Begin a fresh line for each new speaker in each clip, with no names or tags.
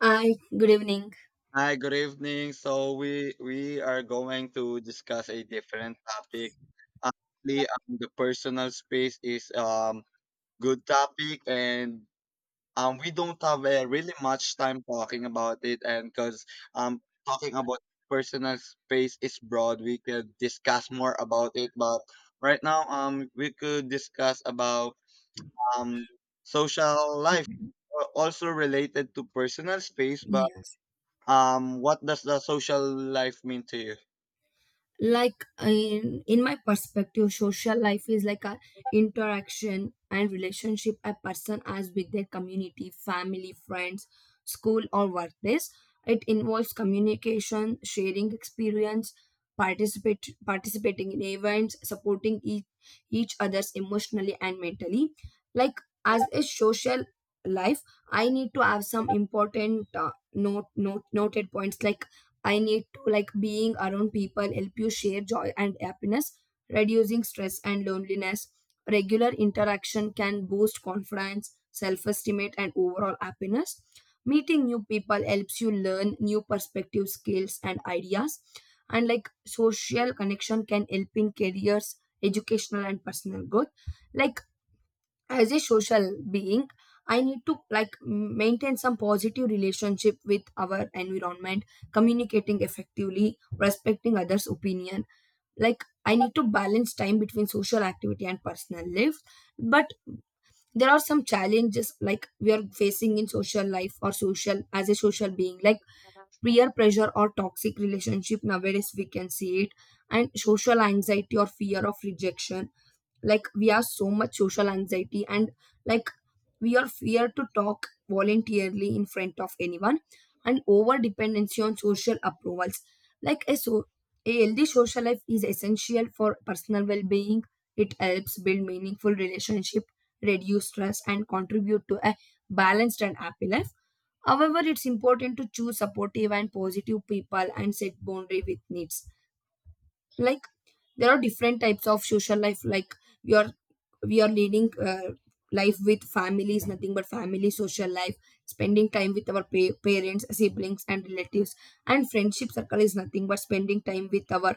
Hi, good evening.
Hi, good evening. So we are going to discuss a different topic. Actually, the personal space is good topic, and we don't have really much time talking about it, and because um talking about personal space is broad, we could discuss more about it. But right now, we could discuss about um social life,
Mhm.
also related to personal space, but.
Yes.
What does the social life mean to you?
Like in my perspective, social life is like a interaction and relationship a person has with their community, family, friends, school or workplace. It involves communication, sharing experience, participate participating in events, supporting each others emotionally and mentally. Like as a social life, I need to have some important noted points like I need to like being around people help you share joy and happiness, reducing stress and loneliness. Regular interaction can boost confidence, self-esteem, and overall happiness. Meeting new people helps you learn new perspective skills and ideas. And like social connection can help in careers, educational and personal growth. Like as a social being I need to like maintain some positive relationship with our environment, communicating effectively, respecting others opinion. Like I need to balance time between social activity and personal life, but there are some challenges like we are facing in social life or social as a social being like peer pressure or toxic relationship nowadays we can see it, and social anxiety or fear of rejection. Like we have so much social anxiety, and like we are fear to talk voluntarily in front of anyone, and over dependency on social approvals. like a so a healthy social life is essential for personal well-being. It helps build meaningful relationship, reduce stress and contribute to a balanced and happy life. However, it's important to choose supportive and positive people and set boundary with needs. Like there are different types of social life like your, we are leading life with family is nothing but family social life, spending time with our parents, siblings and relatives. And friendship circle is nothing but spending time with our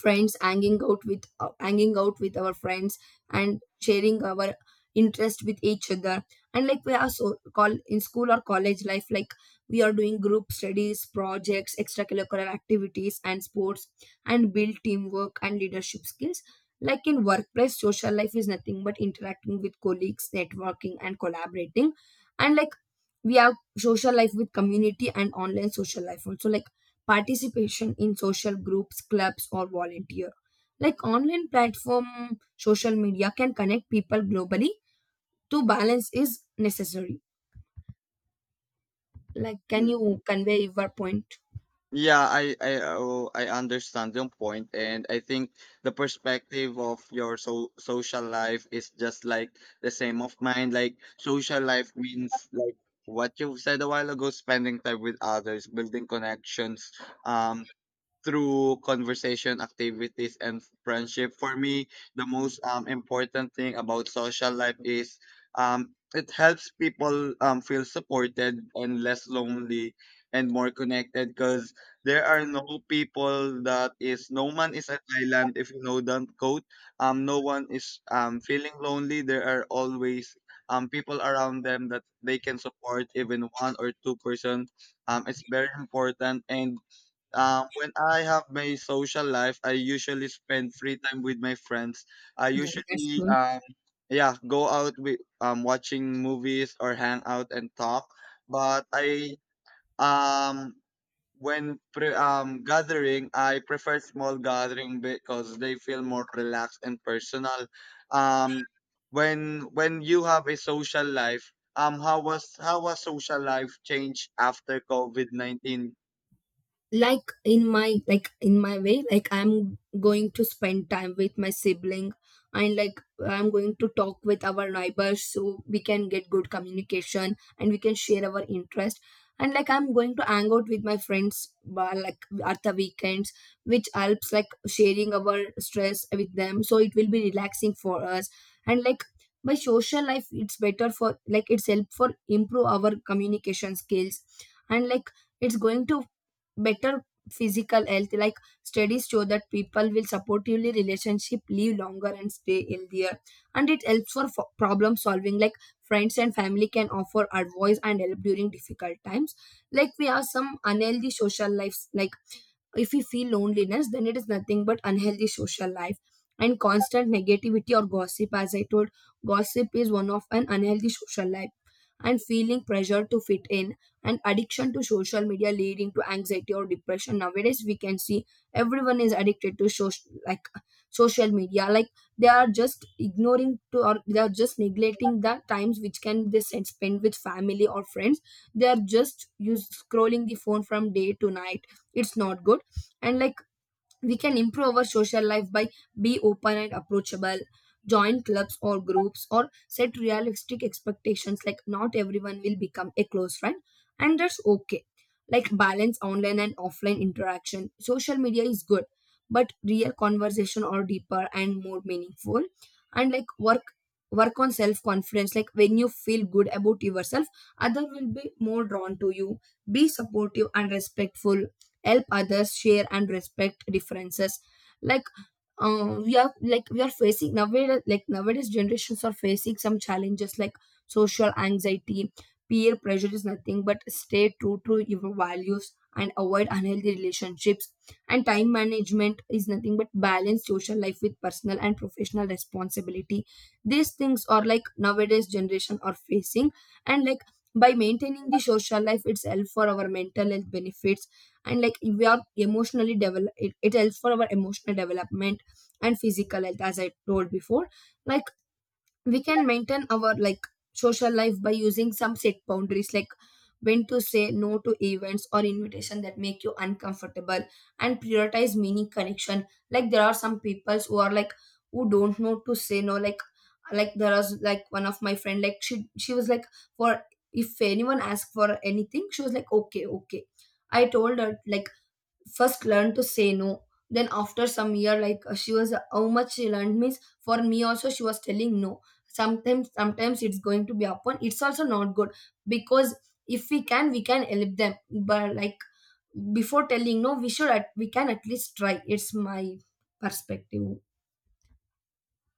friends, hanging out with our friends and sharing our interest with each other. And like we are so call in school or college life, like we are doing group studies, projects, extracurricular activities and sports, and build teamwork and leadership skills. Like in workplace, social life is nothing but interacting with colleagues, networking and collaborating. And like we have social life with community and online social life also, like participation in social groups, clubs, or volunteer. Like online platform, social media can connect people globally. To balance is necessary. Like, can
Mm,
you convey your point?
yeah, I oh, I understand your point, and I think the perspective of your social life is just like the same of mine. Like social life means like what you said a while ago, spending time with others, building connections, um, through conversation, activities, and friendship. For me, the most important thing about social life is, it helps people feel supported and less lonely and more connected, because there are no people, that is, no man is an island, if you know that quote. No one is feeling lonely. There are always people around them that they can support, even one or two person. It's very important. And when I have my social life, I usually spend free time with my friends. I
Yeah, that's
usually,
good.
yeah, go out with, watching movies or hang out and talk. But I, um, when gathering, I prefer small gathering because they feel more relaxed and personal. Um, when you have a social life, how was social life changed after COVID 19?
Like in my, like in my way, like I'm going to spend time with my sibling, and like I'm going to talk with our neighbors so we can get good communication and we can share our interest. And like I'm going to hang out with my friends by, like at the weekends, which helps like sharing our stress with them so it will be relaxing for us. And like by social life it's better for, like it's help for improve our communication skills. And like it's going to better physical health, like studies show that people will supportively relationship live longer and stay healthier. And it helps for problem solving, like friends and family can offer advice and help during difficult times. Like we have some unhealthy social lives, like if we feel loneliness then it is nothing but unhealthy social life. And constant negativity or gossip, as I told, gossip is one of an unhealthy social life, and feeling pressure to fit in, and addiction to social media leading to anxiety or depression. Nowadays we can see everyone is addicted to social, like social media, like they are just ignoring to, or they are just neglecting the times which can they spend with family or friends. They are just use scrolling the phone from day to night. It's not good. And like we can improve our social life by be open and approachable, join clubs or groups, or set realistic expectations like not everyone will become a close friend, and that's okay. Like balance online and offline interaction, social media is good but real conversation are deeper and more meaningful. And like work on self confidence, like when you feel good about yourself other will be more drawn to you. Be supportive and respectful, help others, share and respect differences. Like we are like we are facing nowadays, like nowadays generations are facing some challenges like social anxiety, peer pressure is nothing but stay true to your values and avoid unhealthy relationships, and time management is nothing but balance social life with personal and professional responsibility. These things are like nowadays generation are facing. And like by maintaining the social life itself for our mental health benefits, and like if we are emotionally develop it, it helps for our emotional development and physical health as I told before. Like we can maintain our like social life by using some set boundaries like when to say no to events or invitation that make you uncomfortable, and prioritize meaning connection. Like there are some peoples who are like who don't know to say no, like, like there was like one of my friend, like she was like, for, if anyone asked for anything she was like okay, okay. I told her like first learn to say no. Then after some year, like she was how much she learned means for me also she was telling no. Sometimes it's going to be upon, it's also not good, because if we can, we can help them. But like before telling no we should at, we can at least try. It's my perspective.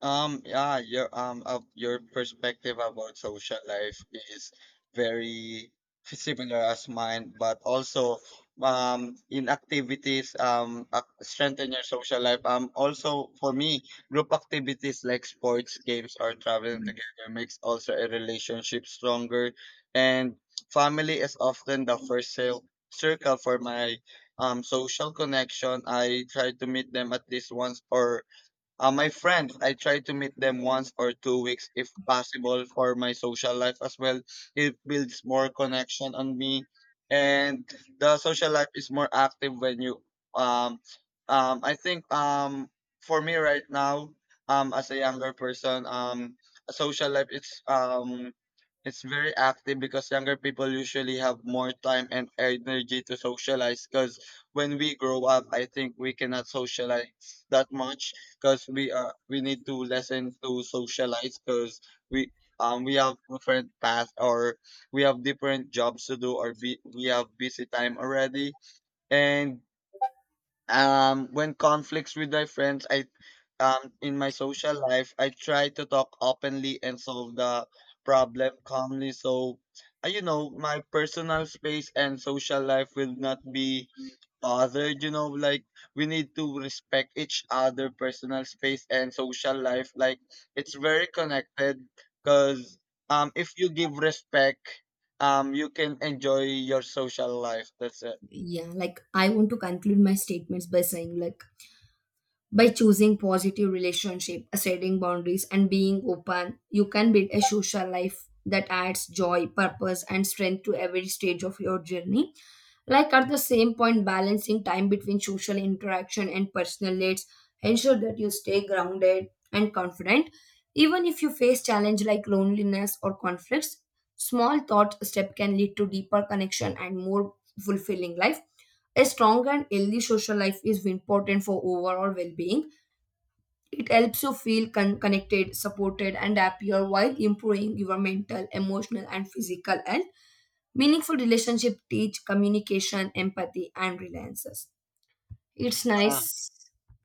Yeah, your your perspective about social life is very similar as mine, but also, in activities, strengthen your social life. Also for me, group activities like sports, games, or traveling together makes also a relationship stronger. And family is often the first circle for my social connection. I try to meet them at least once or, my friends, I try to meet them once or 2 weeks if possible for my social life as well. It builds more connection on me, and the social life is more active when you, um I think for me right now, as a younger person, social life, it's very active, because younger people usually have more time and energy to socialize. Because when we grow up, I think we cannot socialize that much, because we need to lesson to socialize. Because we we have different paths, or we have different jobs to do, or be, we have busy time already. And when conflicts with my friends, I in my social life I try to talk openly and solve the problem calmly. So my personal space and social life will not be other, like we need to respect each other personal space and social life, like it's very connected. Because if you give respect, you can enjoy your social life. That's it.
Yeah, like I want to conclude my statements by saying like, by choosing positive relationship, setting boundaries, and being open, you can build a social life that adds joy, purpose, and strength to every stage of your journey. Like at the same point, balancing time between social interaction and personal needs ensure that you stay grounded and confident. Even if you face challenge like loneliness or conflicts, small thought step can lead to deeper connection and more fulfilling life. A strong and healthy social life is important for overall well-being. It helps you feel connected, supported, and happier while improving your mental, emotional, and physical health. Meaningful relationship teach communication, empathy, and reliances. It's
Ah,
nice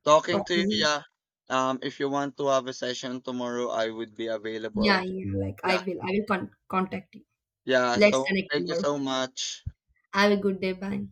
talking to you,
talking.
yeah. If you want to have a session tomorrow, I would be available.
Yeah, yeah. Like
Yeah,
I will contact you.
yeah,
Let's
so
connect
thank you
tomorrow.
so much.
Have a good day. Bye.